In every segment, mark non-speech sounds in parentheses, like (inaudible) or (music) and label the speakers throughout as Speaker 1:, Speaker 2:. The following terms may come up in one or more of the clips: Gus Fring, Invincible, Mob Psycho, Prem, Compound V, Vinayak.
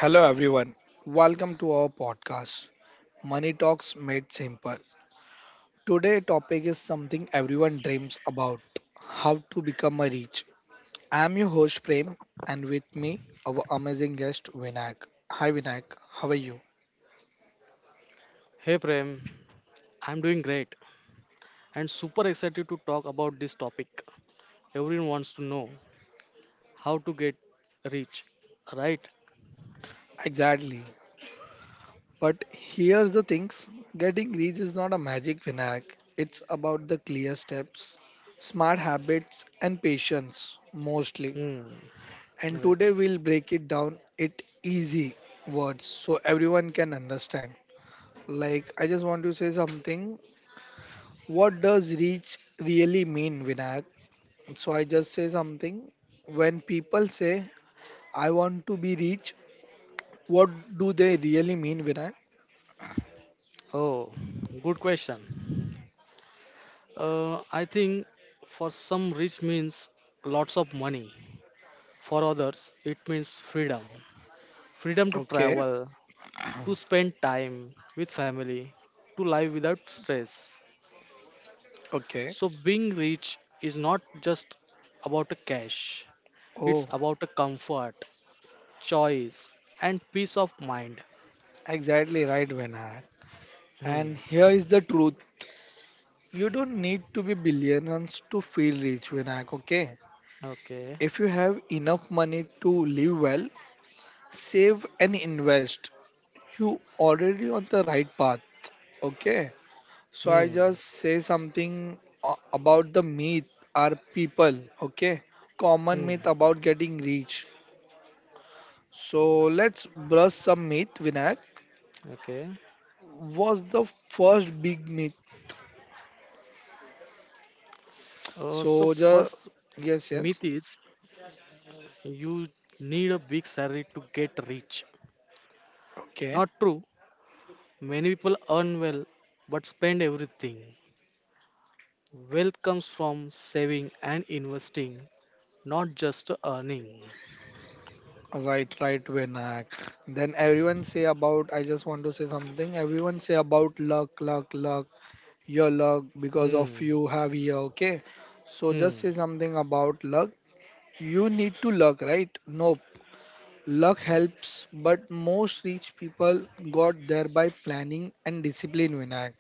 Speaker 1: Hello, everyone. Welcome to our podcast, Money Talks Made Simple. Today topic is something everyone dreams about: how to become a rich. I am your host Prem, and with me our amazing guest Vinayak. Hi Vinayak, how are you?
Speaker 2: Hey Prem, I'm doing great and super excited to talk about this topic. Everyone wants to know how to get rich, right?
Speaker 1: Exactly. But here's the things: getting rich is not a magic, Vinayak. It's about the clear steps, smart habits, and patience mostly.
Speaker 2: Hmm.
Speaker 1: And
Speaker 2: Right.
Speaker 1: today we'll break it down it easy words so everyone can understand. Like I just want to say something. What does reach really mean, Vinayak? So I just say something. When people say I want to be rich, what do they really mean, Vinayak?
Speaker 2: Oh, good question. I think for some rich means lots of money. For others, it means freedom. Freedom to
Speaker 1: Okay,
Speaker 2: travel, to spend time with family, to live without stress.
Speaker 1: okay.
Speaker 2: So being rich is not just about a cash. It's
Speaker 1: Oh,
Speaker 2: about a comfort choice and peace of mind.
Speaker 1: exactly right, Vinayak.
Speaker 2: Hmm.
Speaker 1: And here is the truth. You don't need to be billions to feel rich, Vinayak, okay?
Speaker 2: Okay.
Speaker 1: If you have enough money to live well, save and invest, you already on the right path. Okay, so I
Speaker 2: Hmm.
Speaker 1: just say something about the myth, are people okay, common
Speaker 2: Hmm.
Speaker 1: myth about getting rich. So let's brush some myth, Vinayak.
Speaker 2: Okay.
Speaker 1: Was the first big myth?
Speaker 2: So first
Speaker 1: So the,
Speaker 2: myth
Speaker 1: yes,
Speaker 2: is
Speaker 1: yes.
Speaker 2: you need a big salary to get rich. Not
Speaker 1: Okay.
Speaker 2: true. Many people earn well but spend everything. Wealth comes from saving and investing, not just earning.
Speaker 1: Right, right, Vinayak. Then everyone say about, I just want to say something, everyone say about luck, luck, luck. Your luck because of
Speaker 2: Hmm.
Speaker 1: you have here, okay? So just
Speaker 2: Hmm.
Speaker 1: say something about luck. You need to luck, right? Nope. Luck helps, but most rich people got there by planning and discipline, Vinayak.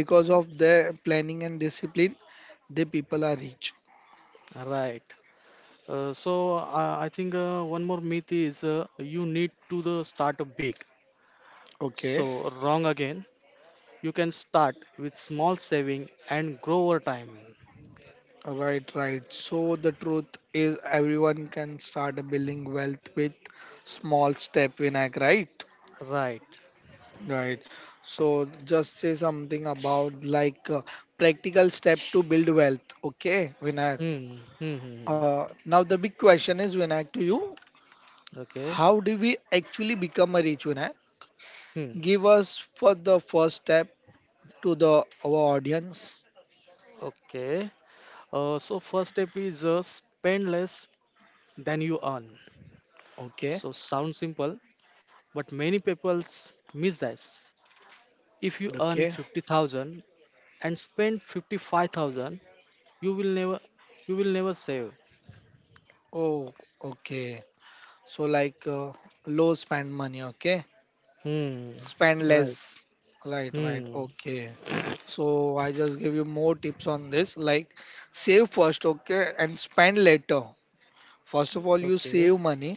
Speaker 1: Because of their planning and discipline, the people are rich.
Speaker 2: Right. I think one more myth is you need to the start big.
Speaker 1: Okay,
Speaker 2: So, wrong again. You can start with small saving and grow over time.
Speaker 1: right, right. So the truth is everyone can start building wealth with small step, Vinayak, right?
Speaker 2: Right.
Speaker 1: Right. So just say something about like practical step to build wealth. Okay, Vinayak.
Speaker 2: Hmm. Hmm. Hmm.
Speaker 1: Now the big question is Vinayak to you.
Speaker 2: Okay.
Speaker 1: How do we actually become a rich, Vinayak?
Speaker 2: Hmm.
Speaker 1: Give us for the first step to the our audience.
Speaker 2: Okay. So first step is spend less than you earn.
Speaker 1: Okay.
Speaker 2: So sounds simple, but many people miss this. If you earn
Speaker 1: Okay.
Speaker 2: 50,000 and spend 55,000, you will never you will never save.
Speaker 1: Oh, okay. So like low spend money. Okay.
Speaker 2: Hmm.
Speaker 1: Spend less,
Speaker 2: Right.
Speaker 1: right, right,
Speaker 2: Hmm.
Speaker 1: okay. So I just give you more tips on this, like save first, okay, and spend later. First of all, you
Speaker 2: Okay.
Speaker 1: save money,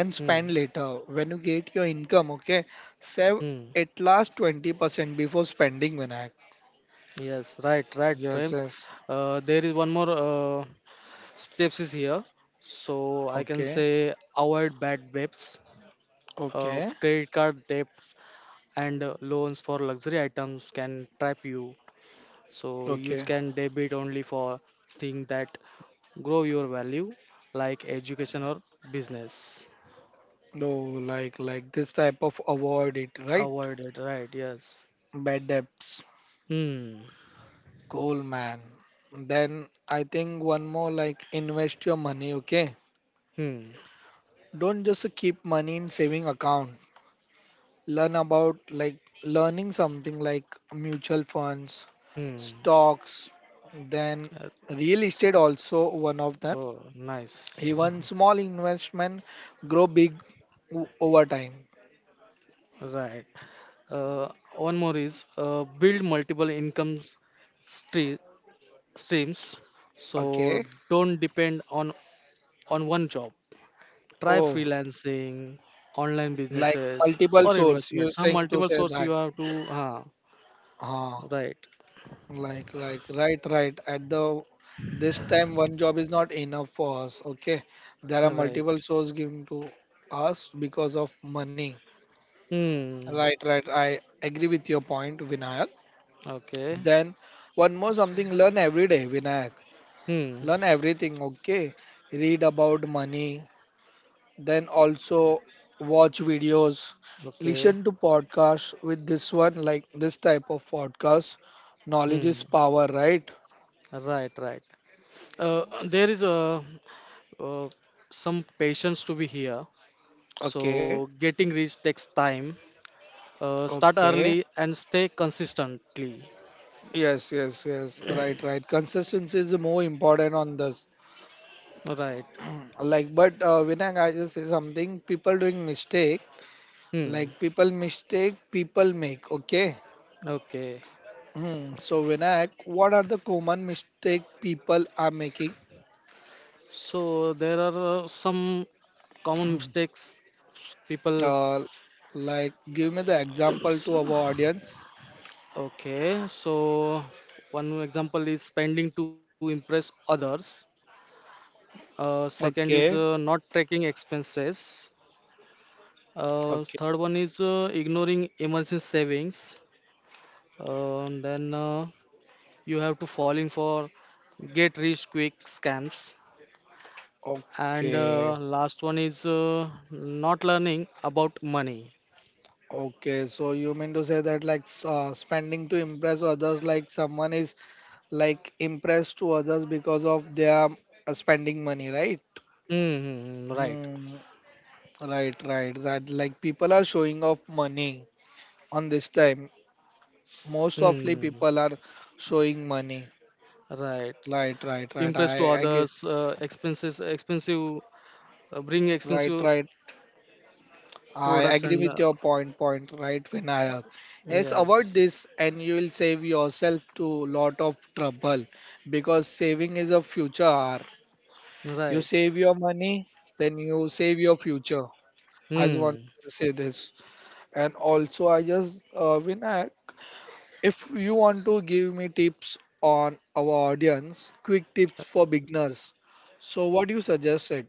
Speaker 1: then
Speaker 2: Hmm.
Speaker 1: spend later. When you get your income, okay, save
Speaker 2: Hmm.
Speaker 1: at last 20% before spending, Vinayak.
Speaker 2: Yes, right, right,
Speaker 1: Yes,
Speaker 2: Prem.
Speaker 1: yes.
Speaker 2: There is one more steps is here. So I can
Speaker 1: Okay,
Speaker 2: say avoid bad debts,
Speaker 1: okay,
Speaker 2: credit card debts, and loans for luxury items can trap you. So you
Speaker 1: okay.
Speaker 2: can debit only for things that grow your value, like education or business.
Speaker 1: No, like this type of avoid it, right?
Speaker 2: Avoid it, right? Yes.
Speaker 1: Bad debts.
Speaker 2: Hmm.
Speaker 1: Cool, man. Then I think one more, like invest your money, okay?
Speaker 2: Hmm.
Speaker 1: Don't just keep money in saving account. Learn about, like learning something like mutual funds,
Speaker 2: Hmm.
Speaker 1: stocks, then
Speaker 2: Uh,
Speaker 1: real estate also one of them.
Speaker 2: oh, nice.
Speaker 1: Even small investment grow big over time.
Speaker 2: Right. Uh, one more is build multiple income stre- streams. So
Speaker 1: Okay.
Speaker 2: don't depend on one job. Try
Speaker 1: Oh,
Speaker 2: freelancing, online
Speaker 1: like
Speaker 2: businesses,
Speaker 1: multiple
Speaker 2: or
Speaker 1: source. You're
Speaker 2: investments. Huh,
Speaker 1: saying to
Speaker 2: multiple
Speaker 1: say
Speaker 2: source you
Speaker 1: that.
Speaker 2: have to. Huh,
Speaker 1: Huh.
Speaker 2: right,
Speaker 1: Like, right, right. At the this time, one job is not enough for us. Okay, there are
Speaker 2: right.
Speaker 1: multiple sources given to us because of money.
Speaker 2: Hmm.
Speaker 1: Right, right. I agree with your point, Vinayak.
Speaker 2: Okay.
Speaker 1: Then, one more something, learn every day, Vinayak.
Speaker 2: Hmm.
Speaker 1: Learn everything. Okay, read about money. Then also watch videos,
Speaker 2: Okay.
Speaker 1: listen to podcasts. With this one, like this type of podcast, knowledge is
Speaker 2: Hmm.
Speaker 1: power, right?
Speaker 2: Right. Right. There is a uh, some patience to be here.
Speaker 1: Okay.
Speaker 2: So getting rich takes time. Start
Speaker 1: Okay.
Speaker 2: early and stay consistently.
Speaker 1: Yes, yes, yes. Right, right. Consistency is more important on this.
Speaker 2: Right.
Speaker 1: Like, but Vinay, I just say something. People doing mistake.
Speaker 2: Hmm.
Speaker 1: Like people mistake, people make. Okay.
Speaker 2: Okay.
Speaker 1: Hmm. So Vinayak, what are the common mistake people are making?
Speaker 2: So there are some common mistakes people.
Speaker 1: Uh, like, give me the example to our audience.
Speaker 2: Okay. So one example is spending to impress others. Second is
Speaker 1: Okay.
Speaker 2: not tracking expenses. Uh,
Speaker 1: Okay.
Speaker 2: third one is ignoring emergency savings. Then you have to falling for get rich quick scams. And
Speaker 1: Okay.
Speaker 2: last one is not learning about money.
Speaker 1: Okay, so you mean to say that like spending to impress others, like someone is like impressed to others because of their spending money, right?
Speaker 2: Mm-hmm, right.
Speaker 1: Hmm. Right, right. That like people are showing off money on this time. Most often
Speaker 2: Hmm.
Speaker 1: people are showing money.
Speaker 2: Right.
Speaker 1: Right, right, right.
Speaker 2: Impress to
Speaker 1: I get.
Speaker 2: others, expenses, expensive, bring
Speaker 1: Right,
Speaker 2: expensive
Speaker 1: right. I
Speaker 2: products
Speaker 1: agree
Speaker 2: and
Speaker 1: with your point, right, Vinayak. Yes, avoid
Speaker 2: yes,
Speaker 1: this and you will save yourself to lot of trouble because saving is a future hour. You
Speaker 2: right.
Speaker 1: save your money, then you save your future. I just want
Speaker 2: Hmm.
Speaker 1: to say this. And also, I just, Vinayak, if you want to give me tips on our audience, quick tips for beginners. So, what do you suggest it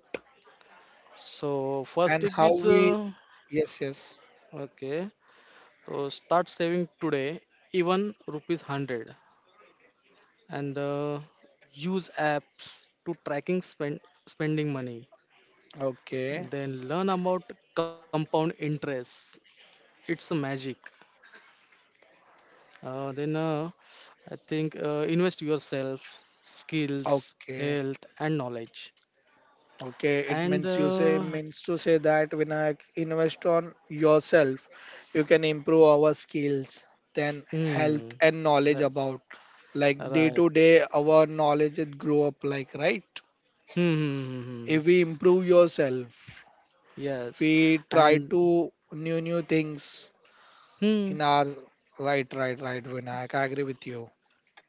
Speaker 2: So first
Speaker 1: and
Speaker 2: tip
Speaker 1: how
Speaker 2: is
Speaker 1: we, yes, yes,
Speaker 2: okay. So start saving today, even rupees hundred, and use apps to tracking spending money.
Speaker 1: okay.
Speaker 2: Then learn about compound interest. It's a magic. Then I think invest yourself, skills,
Speaker 1: Okay.
Speaker 2: health, and knowledge.
Speaker 1: Okay, it
Speaker 2: And
Speaker 1: means you say means to say that when I invest on yourself, you can improve our skills, then
Speaker 2: hmm,
Speaker 1: health and knowledge
Speaker 2: yeah,
Speaker 1: about like day
Speaker 2: right.
Speaker 1: to day our knowledge it grow up like, right.
Speaker 2: Hmm, hmm, hmm, hmm. Hmm.
Speaker 1: If we improve yourself,
Speaker 2: Yes.
Speaker 1: we try
Speaker 2: And
Speaker 1: to new things
Speaker 2: hmm.
Speaker 1: in our right, right, right, Vinayak. I agree with you.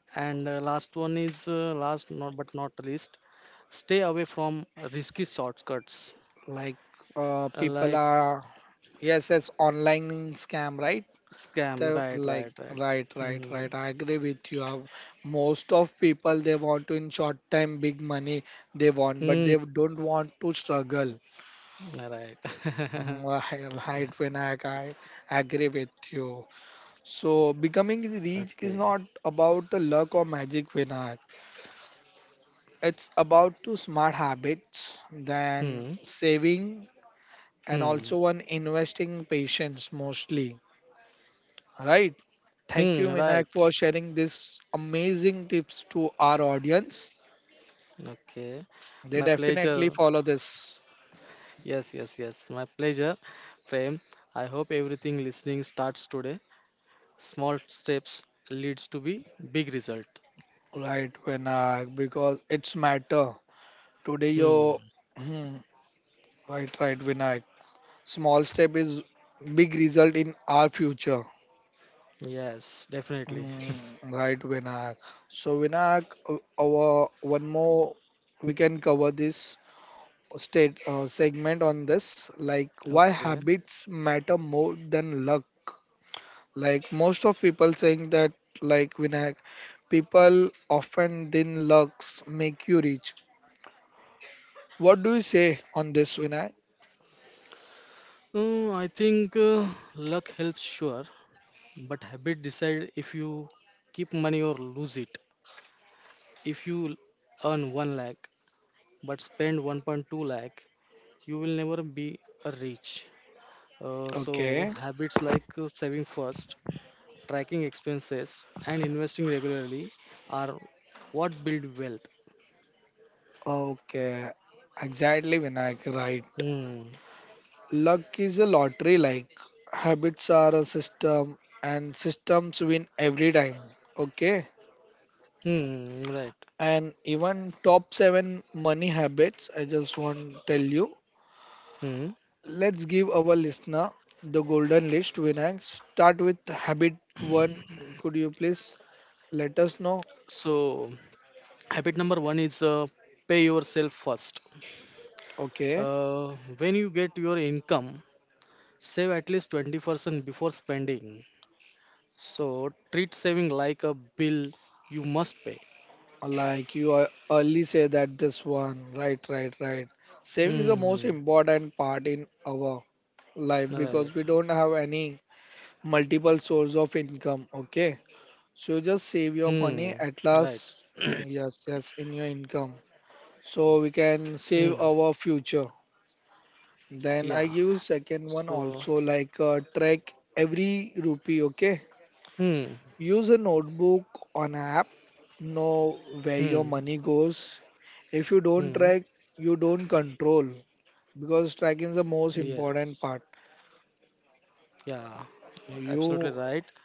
Speaker 2: And last one is last not but not least. Stay away from risky shortcuts
Speaker 1: Like people
Speaker 2: like
Speaker 1: are, yes, it's online scam, right?
Speaker 2: scam.
Speaker 1: The
Speaker 2: Right,
Speaker 1: like
Speaker 2: right, right.
Speaker 1: right, right,
Speaker 2: Hmm.
Speaker 1: right, I agree with you. Most of people they want to in short time big money they want but
Speaker 2: Hmm.
Speaker 1: they don't want to struggle.
Speaker 2: Right. (laughs)
Speaker 1: Right when I agree with you. So becoming
Speaker 2: Okay.
Speaker 1: rich is not about the luck or magic, Vinayak. It's about two smart habits, then
Speaker 2: Hmm.
Speaker 1: saving and
Speaker 2: Hmm.
Speaker 1: also one investing patience mostly, right? Thank
Speaker 2: Hmm.
Speaker 1: you, Vinayak,
Speaker 2: Right.
Speaker 1: for sharing these amazing tips to our audience.
Speaker 2: Okay.
Speaker 1: They
Speaker 2: My
Speaker 1: definitely
Speaker 2: pleasure.
Speaker 1: follow this,
Speaker 2: Yes, yes, yes. My pleasure, Prem. I hope everything listening starts today. Small steps leads to be big result.
Speaker 1: right, Vinayak, because it's matter. Today,
Speaker 2: Hmm.
Speaker 1: your, hmm, right, right, Vinayak. Small step is big result in our future.
Speaker 2: Yes, definitely.
Speaker 1: Hmm, right, Vinayak. So, Vinayak, our one more we can cover this state segment on this, like why
Speaker 2: Okay.
Speaker 1: habits matter more than luck. Like most of people saying that, like Vinayak, people often then looks make you rich. What do you say on this, Vinayak?
Speaker 2: I think luck helps sure, but habit decide if you keep money or lose it. If you earn 1 lakh but spend 1.2 lakh, you will never be a rich. So
Speaker 1: Okay,
Speaker 2: habits like saving first, tracking expenses, and investing regularly are what build wealth.
Speaker 1: okay, exactly, Vinayak, right.
Speaker 2: Hmm.
Speaker 1: Luck is a lottery, like habits are a system, and systems win every time. Okay,
Speaker 2: Hmm. Right.
Speaker 1: and even top seven money habits, I just want to tell you.
Speaker 2: Hmm.
Speaker 1: Let's give our listener the golden list, Vinayak. Start with habit one. Could you please let us know?
Speaker 2: So habit number one is pay yourself first.
Speaker 1: Okay.
Speaker 2: When you get your income, save at least 20% before spending. So treat saving like a bill you must pay.
Speaker 1: Like you are- early say that this one. Right, right, right. Saving is the most
Speaker 2: Hmm.
Speaker 1: important part in our life
Speaker 2: Right.
Speaker 1: because we don't have any multiple source of income. Okay. So you
Speaker 2: Hmm.
Speaker 1: just save your
Speaker 2: Right.
Speaker 1: money at
Speaker 2: (clears throat)
Speaker 1: last. Oh, yes, yes, in your income. So we can
Speaker 2: Mm,
Speaker 1: save our future. Then
Speaker 2: yeah.
Speaker 1: I give second one
Speaker 2: So,
Speaker 1: also like track every rupee. Okay,
Speaker 2: hmm,
Speaker 1: use a notebook on app. Know where
Speaker 2: hmm,
Speaker 1: your money goes. If you don't
Speaker 2: hmm.
Speaker 1: track, you don't control because tracking is the most
Speaker 2: Yes.
Speaker 1: important part.
Speaker 2: Yeah, absolutely right.
Speaker 1: You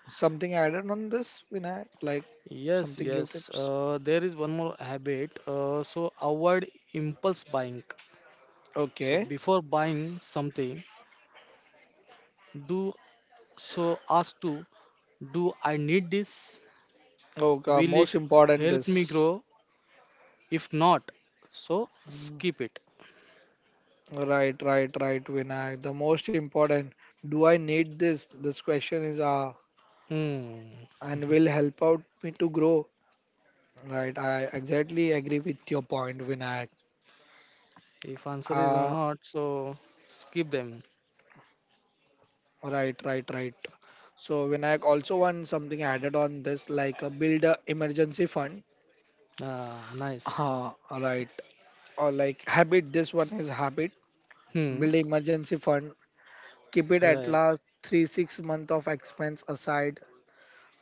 Speaker 1: something added on this, Vinayak? Like
Speaker 2: Yes,
Speaker 1: something give
Speaker 2: yes.
Speaker 1: tips?
Speaker 2: There is one more habit. So avoid impulse buying. So
Speaker 1: Okay.
Speaker 2: before buying something, do so ask to do I need this?
Speaker 1: Okay.
Speaker 2: Will it
Speaker 1: Most important
Speaker 2: help me
Speaker 1: this.
Speaker 2: grow? If not, so
Speaker 1: Mm.
Speaker 2: skip it.
Speaker 1: Right, right, right, Vinayak. The most important. Do I need this? This question is
Speaker 2: Hmm.
Speaker 1: and will help out me to grow. Right, I exactly agree with your point, Vinayak.
Speaker 2: If answer is
Speaker 1: Ah,
Speaker 2: not, so skip them.
Speaker 1: right, right, right. So Vinayak also want something added on this, like a build a emergency fund.
Speaker 2: Ah, nice.
Speaker 1: Ah, right. Or like habit. This one is habit.
Speaker 2: Hmm.
Speaker 1: Build a emergency fund. Keep it at
Speaker 2: Right.
Speaker 1: last 3-6 month of expense aside.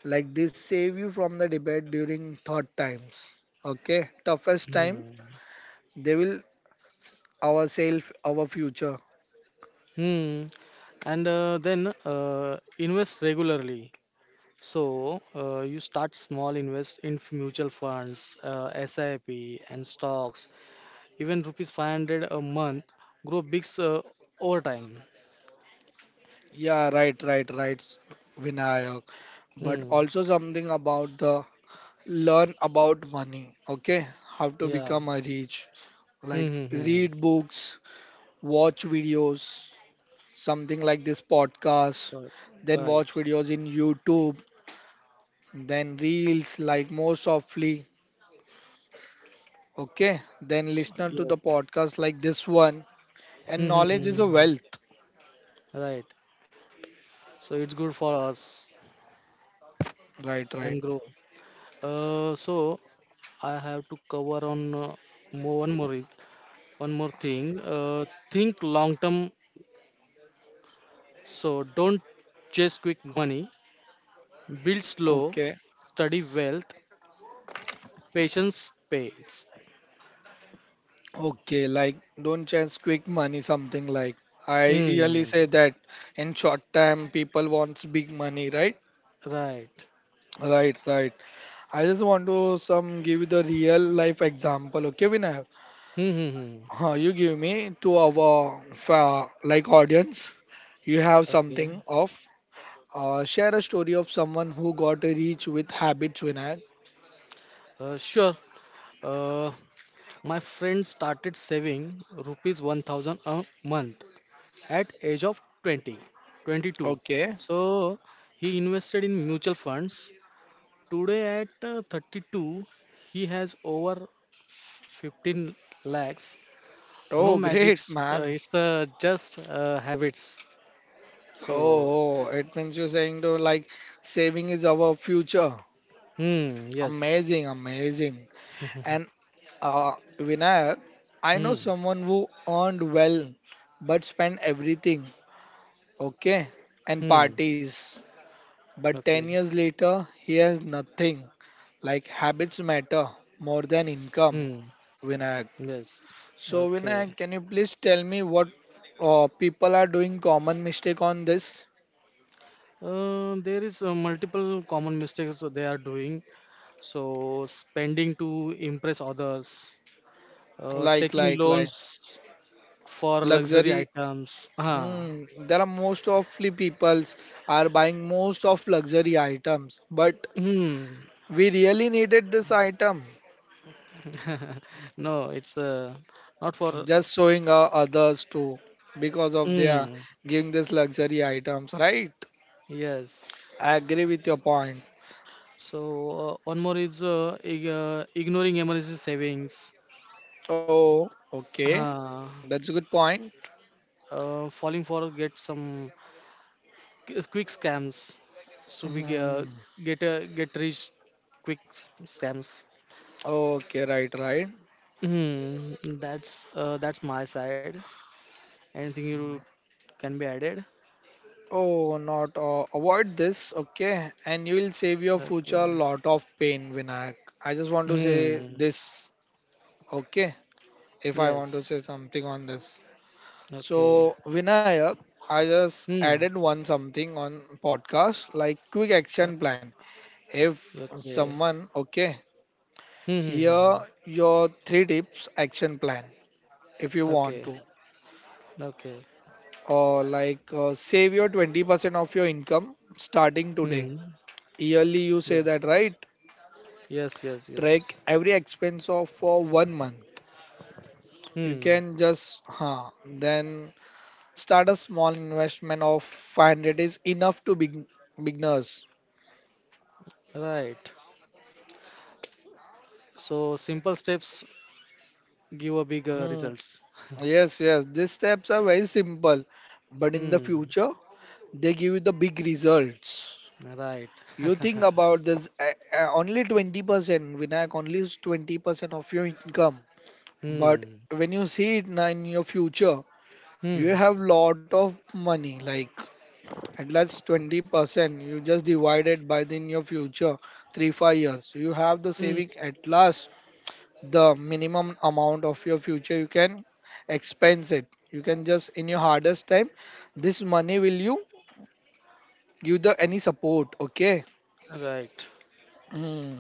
Speaker 1: Like this, save you from the debate during thought times. Okay, toughest time.
Speaker 2: Hmm.
Speaker 1: They will ourself our future.
Speaker 2: Hmm. And then invest regularly. You start small, invest in mutual funds, SIP, and stocks. Even rupees 500 a month grow big over time.
Speaker 1: Yeah, right, right, right, Vinayak. But
Speaker 2: Hmm.
Speaker 1: also something about the learn about money, okay? How to
Speaker 2: Yeah.
Speaker 1: become a rich.
Speaker 2: Hmm.
Speaker 1: Like
Speaker 2: Hmm. Hmm.
Speaker 1: read books, watch videos, something like this podcast,
Speaker 2: Right.
Speaker 1: then
Speaker 2: Right.
Speaker 1: watch videos in YouTube, then reels like more softly, okay? Then
Speaker 2: So,
Speaker 1: listen to the
Speaker 2: yes.
Speaker 1: podcast like this one. And
Speaker 2: Hmm. Hmm,
Speaker 1: knowledge is a
Speaker 2: hmm, hmm.
Speaker 1: wealth,
Speaker 2: Right. So it's good for us
Speaker 1: right, right.
Speaker 2: and grow. Uh, so I have to cover on more one more one more thing, think long term. So don't chase quick money. Build slow,
Speaker 1: Okay.
Speaker 2: study wealth, patience pays.
Speaker 1: Okay, like don't chase quick money, something like I really
Speaker 2: Hmm.
Speaker 1: say that in short time people wants big money, right?
Speaker 2: Right.
Speaker 1: Right, right. I just want to some give you the real life example. Okay, Vinayak.
Speaker 2: Hmm. Hmm, hmm.
Speaker 1: Huh, you give me to our like audience. You have
Speaker 2: Okay.
Speaker 1: something of share a story of someone who got rich with habits, Vinayak.
Speaker 2: Sure. Uh, my friend started saving rupees 1000 a month at age of 22.
Speaker 1: Okay.
Speaker 2: So he invested in mutual funds. Today at 32, he has over 15 lakhs. No
Speaker 1: Oh, great,
Speaker 2: magics. Uh,
Speaker 1: man.
Speaker 2: it's the just habits. So,
Speaker 1: Oh, oh, it means you're saying though like saving is our future.
Speaker 2: hmm, yes.
Speaker 1: Amazing, amazing.
Speaker 2: (laughs)
Speaker 1: And uh, Vinayak, I know
Speaker 2: Hmm,
Speaker 1: someone who earned well but spent everything, okay, and
Speaker 2: hmm.
Speaker 1: parties. But 10
Speaker 2: Okay.
Speaker 1: years later, he has nothing. Like habits matter more than income,
Speaker 2: Hmm.
Speaker 1: Vinayak.
Speaker 2: Yes.
Speaker 1: So,
Speaker 2: Okay.
Speaker 1: Vinayak, can you please tell me what people are doing common mistake on this?
Speaker 2: There is multiple common mistakes that they are doing. So, spending to impress others,
Speaker 1: Like,
Speaker 2: taking
Speaker 1: like, like
Speaker 2: loans for luxury
Speaker 1: luxury.
Speaker 2: items.
Speaker 1: Hmm,
Speaker 2: Ah.
Speaker 1: there are most of the peoples are buying most of luxury items, but
Speaker 2: Hmm.
Speaker 1: we really needed this item,
Speaker 2: (laughs) No, it's not for.
Speaker 1: just showing our others too, because of their
Speaker 2: Hmm.
Speaker 1: giving this luxury items, right?
Speaker 2: Yes.
Speaker 1: I agree with your point.
Speaker 2: So one more is ignoring emergency savings.
Speaker 1: Oh, okay,
Speaker 2: Uh,
Speaker 1: that's a good point.
Speaker 2: falling for quick scams. So we ge-
Speaker 1: Hmm.
Speaker 2: get rich scams.
Speaker 1: Okay, right, right.
Speaker 2: Hmm, that's my side. Anything you can be added?
Speaker 1: Oh, not avoid this, okay? And you will save your
Speaker 2: Okay.
Speaker 1: future lot of pain, Vinayak. I just want to say
Speaker 2: Hmm.
Speaker 1: this, okay? If I want
Speaker 2: Yes.
Speaker 1: to say something on this.
Speaker 2: Okay.
Speaker 1: So Vinayak, I just
Speaker 2: Hmm.
Speaker 1: added one something on podcast like quick
Speaker 2: Uh,
Speaker 1: action plan. If
Speaker 2: okay.
Speaker 1: someone okay,
Speaker 2: Hmm. Hmm, hmm, hmm.
Speaker 1: here your three tips action plan if you
Speaker 2: Okay.
Speaker 1: want to,
Speaker 2: Okay.
Speaker 1: or like save your 20% of your income starting
Speaker 2: Hmm.
Speaker 1: today. Yearly, you say
Speaker 2: Yes.
Speaker 1: that right?
Speaker 2: Yes, yes, yes.
Speaker 1: Track every expense of for one month. You
Speaker 2: Hmm.
Speaker 1: can just huh, then start a small investment of 500 is enough to big beginners.
Speaker 2: Right. So simple steps give a big
Speaker 1: Hmm,
Speaker 2: results.
Speaker 1: yes, yes. These steps are very simple, but in the
Speaker 2: Hmm.
Speaker 1: future, they give you the big results.
Speaker 2: Right.
Speaker 1: You think
Speaker 2: (laughs)
Speaker 1: about this only 20%, Vinayak, only 20% of your income. But
Speaker 2: Hmm.
Speaker 1: when you see it now in your future, you
Speaker 2: Hmm.
Speaker 1: have lot of money, like at least 20%. You just divide it by the in your future, 3, 5 years. You have the
Speaker 2: Hmm.
Speaker 1: saving at last the minimum amount of your future you can expense it you can just in your hardest time this money will you give the any support, okay.
Speaker 2: Right.
Speaker 1: Hmm.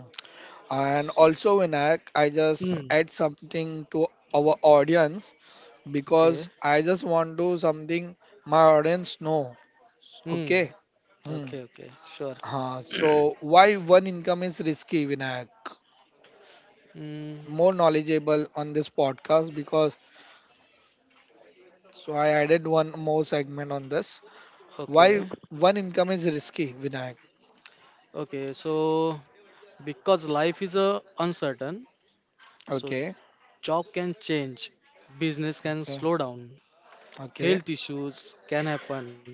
Speaker 1: And also, Vinayak, I just
Speaker 2: Hmm.
Speaker 1: add something to our audience because
Speaker 2: Okay.
Speaker 1: I just want to something my audience know,
Speaker 2: Hmm.
Speaker 1: okay. Hmm.
Speaker 2: Okay. Okay. Sure.
Speaker 1: Huh. So
Speaker 2: (clears throat)
Speaker 1: why one income is risky, Vinayak?
Speaker 2: Hmm.
Speaker 1: More knowledgeable on this podcast because so I added one more segment on this. Why
Speaker 2: Okay.
Speaker 1: one income is risky, Vinayak?
Speaker 2: Okay. So because life is uncertain, so
Speaker 1: Okay,
Speaker 2: job can change, business can
Speaker 1: okay,
Speaker 2: slow down,
Speaker 1: okay,
Speaker 2: health issues can happen.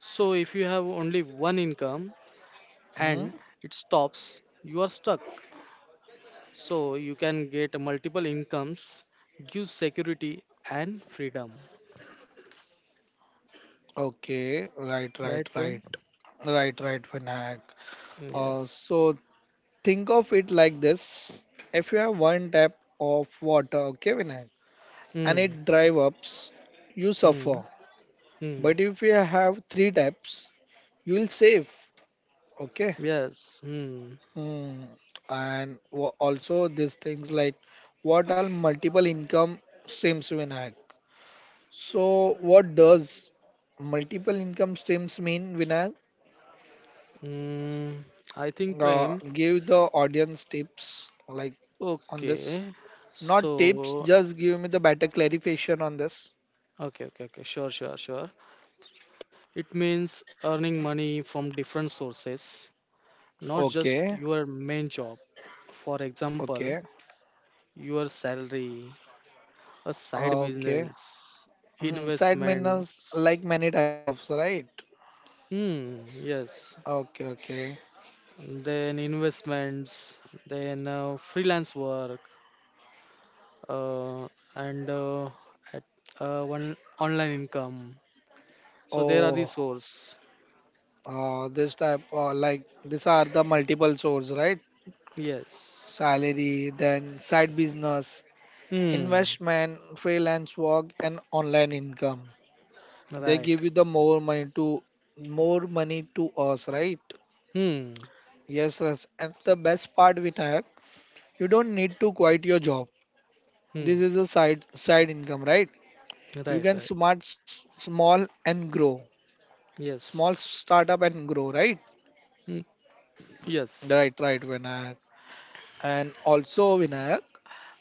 Speaker 2: So if you have only one income,
Speaker 1: mm,
Speaker 2: and it stops, you are stuck. So you can get multiple incomes, gives security and freedom.
Speaker 1: okay. Right,
Speaker 2: Right,
Speaker 1: right,
Speaker 2: Prem?
Speaker 1: right, right, right, Vinayak. Uh,
Speaker 2: Yes.
Speaker 1: so think of it like this: if you have one tap of water, okay, Vinayak, and
Speaker 2: Hmm.
Speaker 1: it dries up, you suffer.
Speaker 2: Hmm. Hmm.
Speaker 1: But if you have three taps, you will save. Okay.
Speaker 2: Yes. Hmm.
Speaker 1: Hmm. And also these things, like what are multiple income streams, Vinayak? So, what does multiple income streams mean, Vinay?
Speaker 2: Hmm. I think Prem.
Speaker 1: Give the audience tips like on this.
Speaker 2: Okay.
Speaker 1: Not tips,
Speaker 2: So.
Speaker 1: just give me the better clarification on this.
Speaker 2: Okay. Okay. Okay. Sure. Sure. Sure. It means earning money from different sources, not just
Speaker 1: Okay,
Speaker 2: your main job. For
Speaker 1: okay,
Speaker 2: example, your salary, a side
Speaker 1: okay.
Speaker 2: business,
Speaker 1: Mm, side menus
Speaker 2: investments.
Speaker 1: like many type of, right?
Speaker 2: Hmm, yes.
Speaker 1: Okay, okay.
Speaker 2: Then investments, then freelance work, uh, and uh, at, one online income. So there are the
Speaker 1: Oh,
Speaker 2: source.
Speaker 1: this type like, these are the multiple source, right?
Speaker 2: Yes.
Speaker 1: Salary, then side business,
Speaker 2: Hmm.
Speaker 1: investment, freelance work, and online income. They
Speaker 2: Right.
Speaker 1: give you the more money to us, right?
Speaker 2: Hmm.
Speaker 1: Yes, yes. And the best part with hack, you don't need to quit your job. This
Speaker 2: Hmm.
Speaker 1: is a side income, right? You
Speaker 2: Right.
Speaker 1: can
Speaker 2: Right.
Speaker 1: smart small and grow. Small
Speaker 2: Yes.
Speaker 1: startup and grow, right?
Speaker 2: Hmm.
Speaker 1: Right,
Speaker 2: Yes.
Speaker 1: right, Vinayak. And also Vinayak,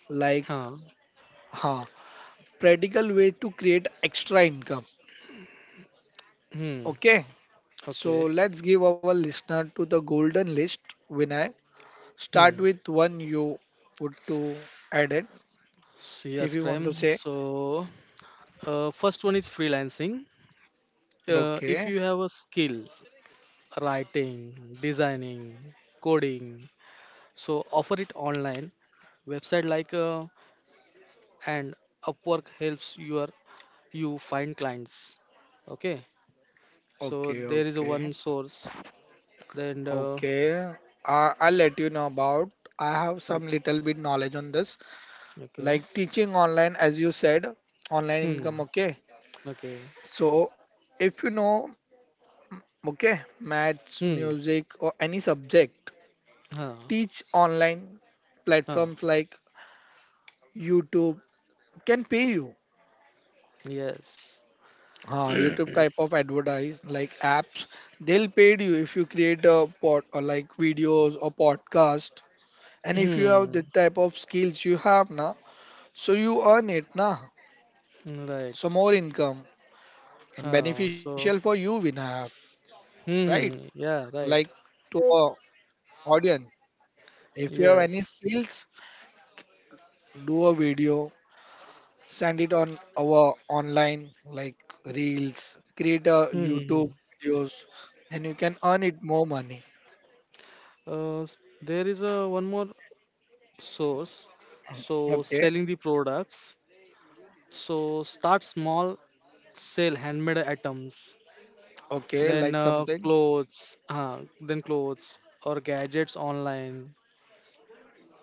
Speaker 1: like
Speaker 2: Huh.
Speaker 1: huh, practical way to create extra income.
Speaker 2: Hmm.
Speaker 1: Okay. So
Speaker 2: Okay.
Speaker 1: let's give our listener to the golden list, Vinayak. Start
Speaker 2: Hmm.
Speaker 1: with one you would to add it
Speaker 2: So
Speaker 1: if
Speaker 2: yes,
Speaker 1: you want to
Speaker 2: Prem.
Speaker 1: say.
Speaker 2: So first one is freelancing. If
Speaker 1: Okay,
Speaker 2: you have a skill, writing, designing, coding, so offer it online, website like and upwork helps your you find clients. Okay, so
Speaker 1: okay,
Speaker 2: there is a one
Speaker 1: okay,
Speaker 2: source. Then
Speaker 1: okay. I'll let you know about. I have
Speaker 2: o-
Speaker 1: some little bit knowledge on this,
Speaker 2: okay.
Speaker 1: like teaching online, as you said, online income.
Speaker 2: Hmm.
Speaker 1: Okay,
Speaker 2: Okay.
Speaker 1: so if you know, okay, maths,
Speaker 2: Hmm.
Speaker 1: music, or any subject,
Speaker 2: Huh.
Speaker 1: teach online
Speaker 2: Huh.
Speaker 1: platforms like YouTube can pay you.
Speaker 2: Yes. (clears throat)
Speaker 1: YouTube type of advertise like apps, they'll pay you if you create a pod or like videos or podcast. And if you have the
Speaker 2: Hmm.
Speaker 1: type of skills you have na, so you earn it na.
Speaker 2: Right.
Speaker 1: So more income and
Speaker 2: Huh.
Speaker 1: beneficial for
Speaker 2: So
Speaker 1: you we have, right?
Speaker 2: hmm, hmm, yeah,
Speaker 1: Like,
Speaker 2: right.
Speaker 1: to our audience, if you have any
Speaker 2: Yes.
Speaker 1: skills, do a video, send it on our online like reels, create a
Speaker 2: Hmm. Hmm, hmm.
Speaker 1: YouTube videos, then you can earn it more money.
Speaker 2: There is a one more source. So
Speaker 1: Okay.
Speaker 2: selling the products. So start small, sell handmade items.
Speaker 1: Okay,
Speaker 2: Then
Speaker 1: like
Speaker 2: uh,
Speaker 1: something.
Speaker 2: clothes, uh, then clothes or gadgets online.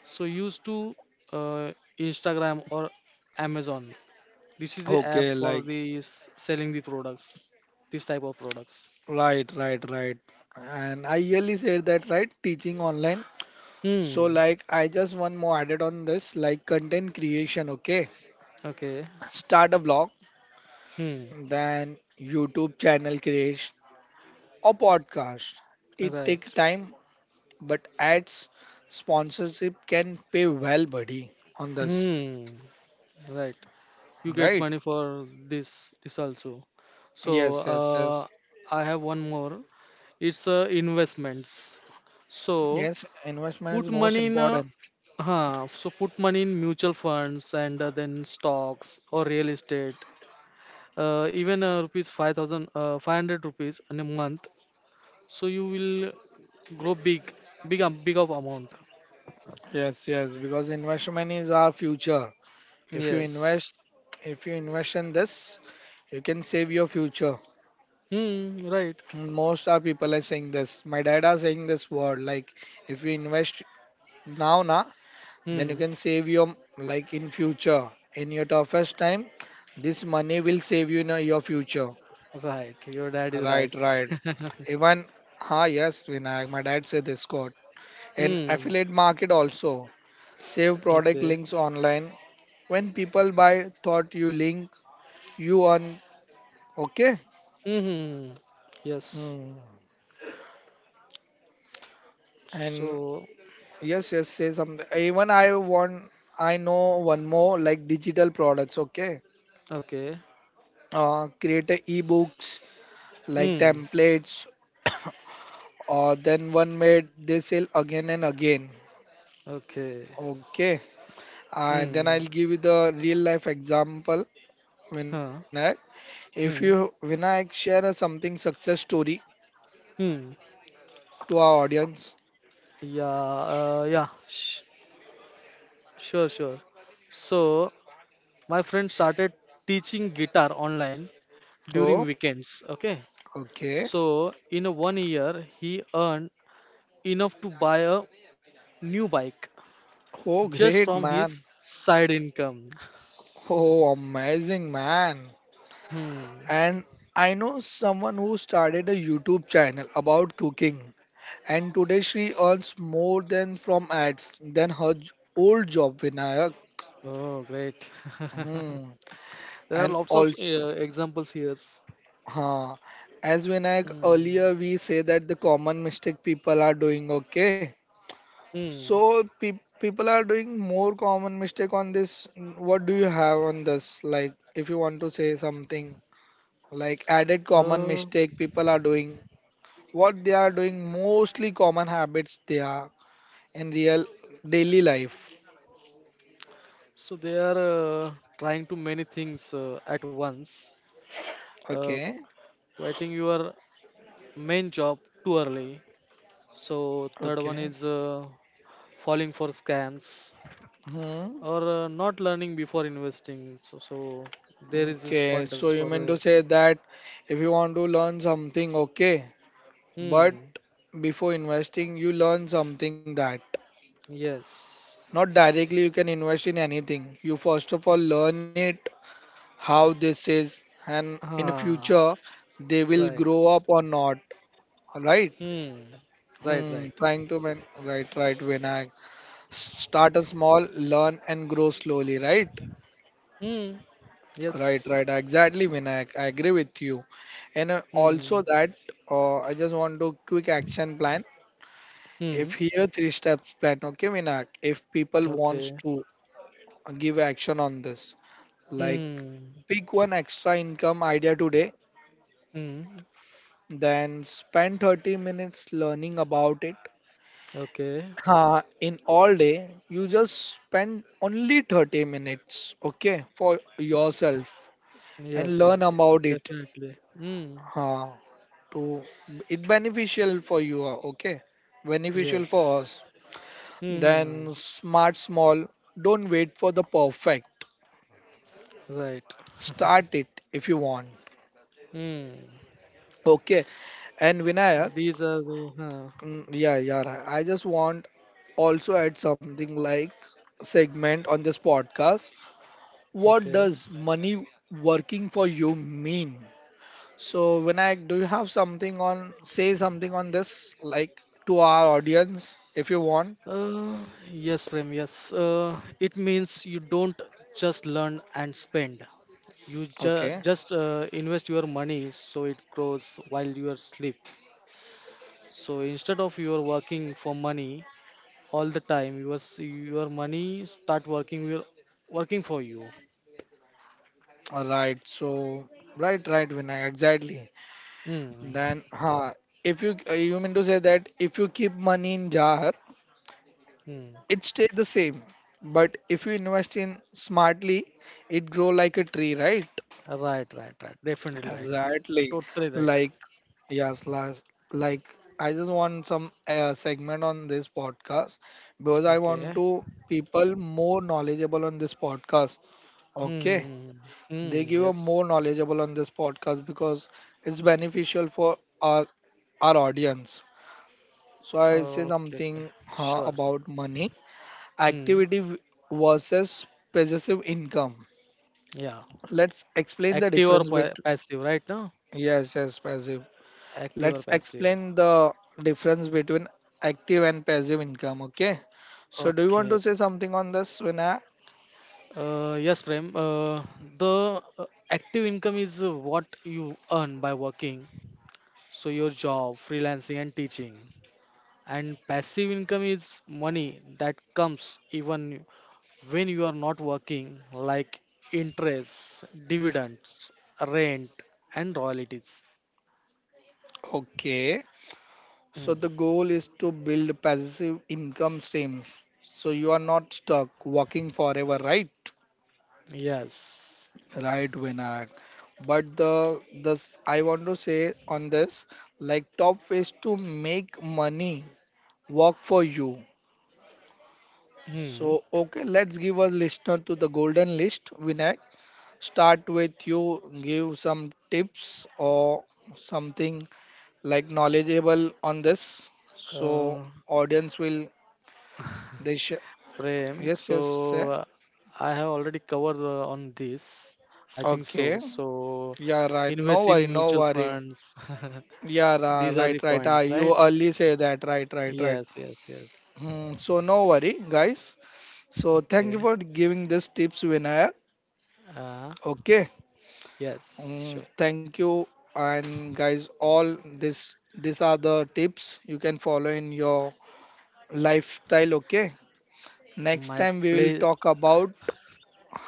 Speaker 2: So use to uh, Instagram or Amazon. This is the app
Speaker 1: Okay,
Speaker 2: for
Speaker 1: like
Speaker 2: the selling the products. This type of products.
Speaker 1: right, right, right. And I really said that right, teaching online. So
Speaker 2: Hmm.
Speaker 1: like, I just one more added on this, like content creation, okay.
Speaker 2: Okay.
Speaker 1: Start a blog,
Speaker 2: Hmm.
Speaker 1: then YouTube channel creation or podcast. It take
Speaker 2: Right.
Speaker 1: time, but ads sponsorship can pay well, buddy, on this.
Speaker 2: Hmm. Right. You get
Speaker 1: Right?
Speaker 2: money for this also. So
Speaker 1: Yes, yes, yes.
Speaker 2: uh, I have one more. It's investments. So
Speaker 1: Yes, investment
Speaker 2: put
Speaker 1: is most
Speaker 2: money in uh,
Speaker 1: important.
Speaker 2: put money in mutual funds and then stocks or real estate, even rupees 5000, 500 rupees in a month. So you will grow big, big of amount.
Speaker 1: Yes, yes, because investment is our future. If you
Speaker 2: Yes.
Speaker 1: invest, if you invest in this, you can save your future.
Speaker 2: Hmm. Right.
Speaker 1: Most of people are saying this. My dad are saying this word like, if you invest now, na, then you
Speaker 2: Hmm.
Speaker 1: can save your like in future. In your toughest time, this money will save you in your future.
Speaker 2: Right. Your dad is
Speaker 1: Right,
Speaker 2: right.
Speaker 1: right.
Speaker 2: (laughs)
Speaker 1: Even, ha, yes, Vinayak, my dad said this quote. And
Speaker 2: Hmm.
Speaker 1: affiliate market also. Save product
Speaker 2: Okay.
Speaker 1: links online. When people buy, thought you link, you earn. Okay.
Speaker 2: Hmm. Yes.
Speaker 1: Hmm. And
Speaker 2: So,
Speaker 1: yes, yes, say something. Even I want, I know one more like digital products. Okay,
Speaker 2: okay.
Speaker 1: create a ebooks like
Speaker 2: Hmm.
Speaker 1: templates. (coughs) Then one made they sell again and again.
Speaker 2: Okay.
Speaker 1: Okay,
Speaker 2: Hmm.
Speaker 1: then I'll give you the real life example. Vinayak,
Speaker 2: Huh.
Speaker 1: if you
Speaker 2: Hmm.
Speaker 1: Vinayak share a something success story
Speaker 2: Hmm.
Speaker 1: to our audience.
Speaker 2: Yeah. Sure. Sure. So, my friend started teaching guitar online during
Speaker 1: Oh,
Speaker 2: weekends. Okay.
Speaker 1: okay.
Speaker 2: So, in a 1 year, he earned enough to buy a new bike just
Speaker 1: Oh,
Speaker 2: from
Speaker 1: great
Speaker 2: his
Speaker 1: man.
Speaker 2: side income. (laughs)
Speaker 1: Oh, amazing man.
Speaker 2: Hmm.
Speaker 1: And I know someone who started a YouTube channel about cooking, and today she earns more than from ads than her old job, Vinayak.
Speaker 2: Oh, great.
Speaker 1: Hmm.
Speaker 2: (laughs) There are
Speaker 1: And
Speaker 2: lots of
Speaker 1: also,
Speaker 2: examples here.
Speaker 1: huh. As
Speaker 2: Hmm.
Speaker 1: Vinayak earlier, we say that the common mistake people are doing. Okay,
Speaker 2: Hmm.
Speaker 1: so people are doing more common mistake on this. What do you have on this? Like, if you want to say something like added common
Speaker 2: Uh,
Speaker 1: mistake people are doing, what they are doing, mostly common habits they are in real daily life,
Speaker 2: so they are uh, trying to many things at once. Uh,
Speaker 1: okay,
Speaker 2: Quitting your main job too early. So third one
Speaker 1: okay.
Speaker 2: is falling for scams
Speaker 1: Hmm.
Speaker 2: or not learning before investing. So, so there is this
Speaker 1: Okay, so
Speaker 2: pointers
Speaker 1: you
Speaker 2: for
Speaker 1: mean to
Speaker 2: the.
Speaker 1: say that if you want to learn something, okay, but
Speaker 2: Hmm.
Speaker 1: before investing you learn something, that
Speaker 2: Yes.
Speaker 1: not directly you can invest in anything, you first of
Speaker 2: Eh,
Speaker 1: all learn it how this is, and in
Speaker 2: ah.
Speaker 1: future they will
Speaker 2: Right.
Speaker 1: grow up or not, right.
Speaker 2: Hmm. Right. Right.
Speaker 1: Hmm, trying to win, right, right, Vinayak. Start a small, learn and grow slowly, right.
Speaker 2: Hmm.
Speaker 1: Right,
Speaker 2: Yes.
Speaker 1: right, exactly Vinayak, I agree with you. And also
Speaker 2: Hmm.
Speaker 1: that I just want to quick action plan.
Speaker 2: Hmm.
Speaker 1: If here three steps plan, okay Vinayak, if people wants
Speaker 2: Okay.
Speaker 1: to give action on this, like,
Speaker 2: Hmm.
Speaker 1: pick one extra income idea today,
Speaker 2: Hmm.
Speaker 1: then spend 30 minutes learning about it.
Speaker 2: Okay.
Speaker 1: In all day you just spend only 30 minutes, okay, for
Speaker 2: Mm,
Speaker 1: yourself, and
Speaker 2: yes,
Speaker 1: learn
Speaker 2: yes, yes.
Speaker 1: about it
Speaker 2: Definitely. Hmm.
Speaker 1: uh, to it beneficial for you, okay, beneficial
Speaker 2: Yes.
Speaker 1: for us.
Speaker 2: Hmm.
Speaker 1: Then smart small, don't wait for the perfect,
Speaker 2: Right.
Speaker 1: start
Speaker 2: (laughs)
Speaker 1: it if you want,
Speaker 2: Hmm.
Speaker 1: okay. And Vinayak,
Speaker 2: These are the huh.
Speaker 1: mm, yeah, yeah, right. I just want also add something like segment on this podcast: what
Speaker 2: Okay.
Speaker 1: does money working for you mean? So, Vinayak, do you have something on, say something on this, like to our audience, if you want?
Speaker 2: Uh, yes, Prem. Yes. It means you don't just learn and spend. You
Speaker 1: Okay.
Speaker 2: just invest your money so it grows while you are asleep. So instead of you are working for money, all the time. Your your money start working will working for you.
Speaker 1: All right. So, right, right, Vinayak, exactly.
Speaker 2: Hmm.
Speaker 1: Then, if you, you mean to say that if you keep money in jar,
Speaker 2: Hmm.
Speaker 1: it stays the same. But if you invest in smartly, it grow like a tree, right?
Speaker 2: Right. Right. Right. Definitely right.
Speaker 1: Exactly.
Speaker 2: Totally right.
Speaker 1: Like, yes, last, like, I just want some segment on this podcast because I want
Speaker 2: Okay.
Speaker 1: to people more knowledgeable on this podcast.
Speaker 2: Hmm. Hmm.
Speaker 1: Okay.
Speaker 2: Hmm,
Speaker 1: They
Speaker 2: hmm. Hmm,
Speaker 1: give a
Speaker 2: yes.
Speaker 1: more knowledgeable on this podcast because it's beneficial for our audience. So I say
Speaker 2: Okay. Okay.
Speaker 1: something
Speaker 2: Sure.
Speaker 1: about money,
Speaker 2: Hmm.
Speaker 1: activity versus passive income.
Speaker 2: Yeah.
Speaker 1: Let's explain the
Speaker 2: Active or
Speaker 1: difference between
Speaker 2: passive, right? Now?
Speaker 1: yes, yes, passive.
Speaker 2: Active or
Speaker 1: Let's
Speaker 2: passive.
Speaker 1: explain the difference between active and passive income, okay? So do you want
Speaker 2: Okay.
Speaker 1: to say something on this, Vinay?
Speaker 2: Yes, Prem. The active income is what you earn by working. So your job, freelancing, and teaching. And passive income is money that comes even when you are not working, like interest, dividends, rent, and royalties.
Speaker 1: Okay,
Speaker 2: Mm,
Speaker 1: so the goal is to build passive income stream so you are not stuck working forever, right.
Speaker 2: yes.
Speaker 1: Right, Vinay. But the this I want to say on this, like, top is to make money work for you.
Speaker 2: Hmm.
Speaker 1: So okay, let's give a listener to the golden list, Vinay. Start with you, give some tips or something like knowledgeable on this, so
Speaker 2: Uh,
Speaker 1: audience will they
Speaker 2: Prem,
Speaker 1: yes, yes, sir.
Speaker 2: so I have already covered on this. I think
Speaker 1: Okay,
Speaker 2: so. So
Speaker 1: yeah, right, no
Speaker 2: invest
Speaker 1: worry,
Speaker 2: in
Speaker 1: no
Speaker 2: mutual
Speaker 1: worry.
Speaker 2: funds.
Speaker 1: Yeah,
Speaker 2: (laughs) These are
Speaker 1: right,
Speaker 2: the
Speaker 1: right,
Speaker 2: points,
Speaker 1: you
Speaker 2: right?
Speaker 1: early say that, right, right, right.
Speaker 2: Yes, yes, yes.
Speaker 1: Hmm, so no worry guys, so thank
Speaker 2: Okay.
Speaker 1: you for giving this tips, Vinaya,
Speaker 2: Uh,
Speaker 1: okay.
Speaker 2: yes,
Speaker 1: Mm,
Speaker 2: sure.
Speaker 1: thank you. And guys, all this, these are the tips you can follow in your lifestyle. Okay,
Speaker 2: My
Speaker 1: next time we
Speaker 2: play.
Speaker 1: will talk about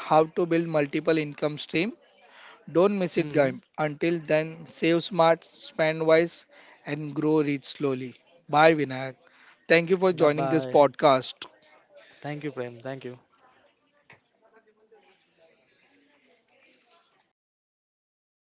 Speaker 1: how to build multiple income stream. Don't miss it,
Speaker 2: Mm,
Speaker 1: guys. Until then, save smart, spend wise, and grow rich slowly. Bye, Vinayak. Thank you
Speaker 2: bye
Speaker 1: for joining
Speaker 2: bye.
Speaker 1: this podcast.
Speaker 2: Thank you, Prem. Thank you.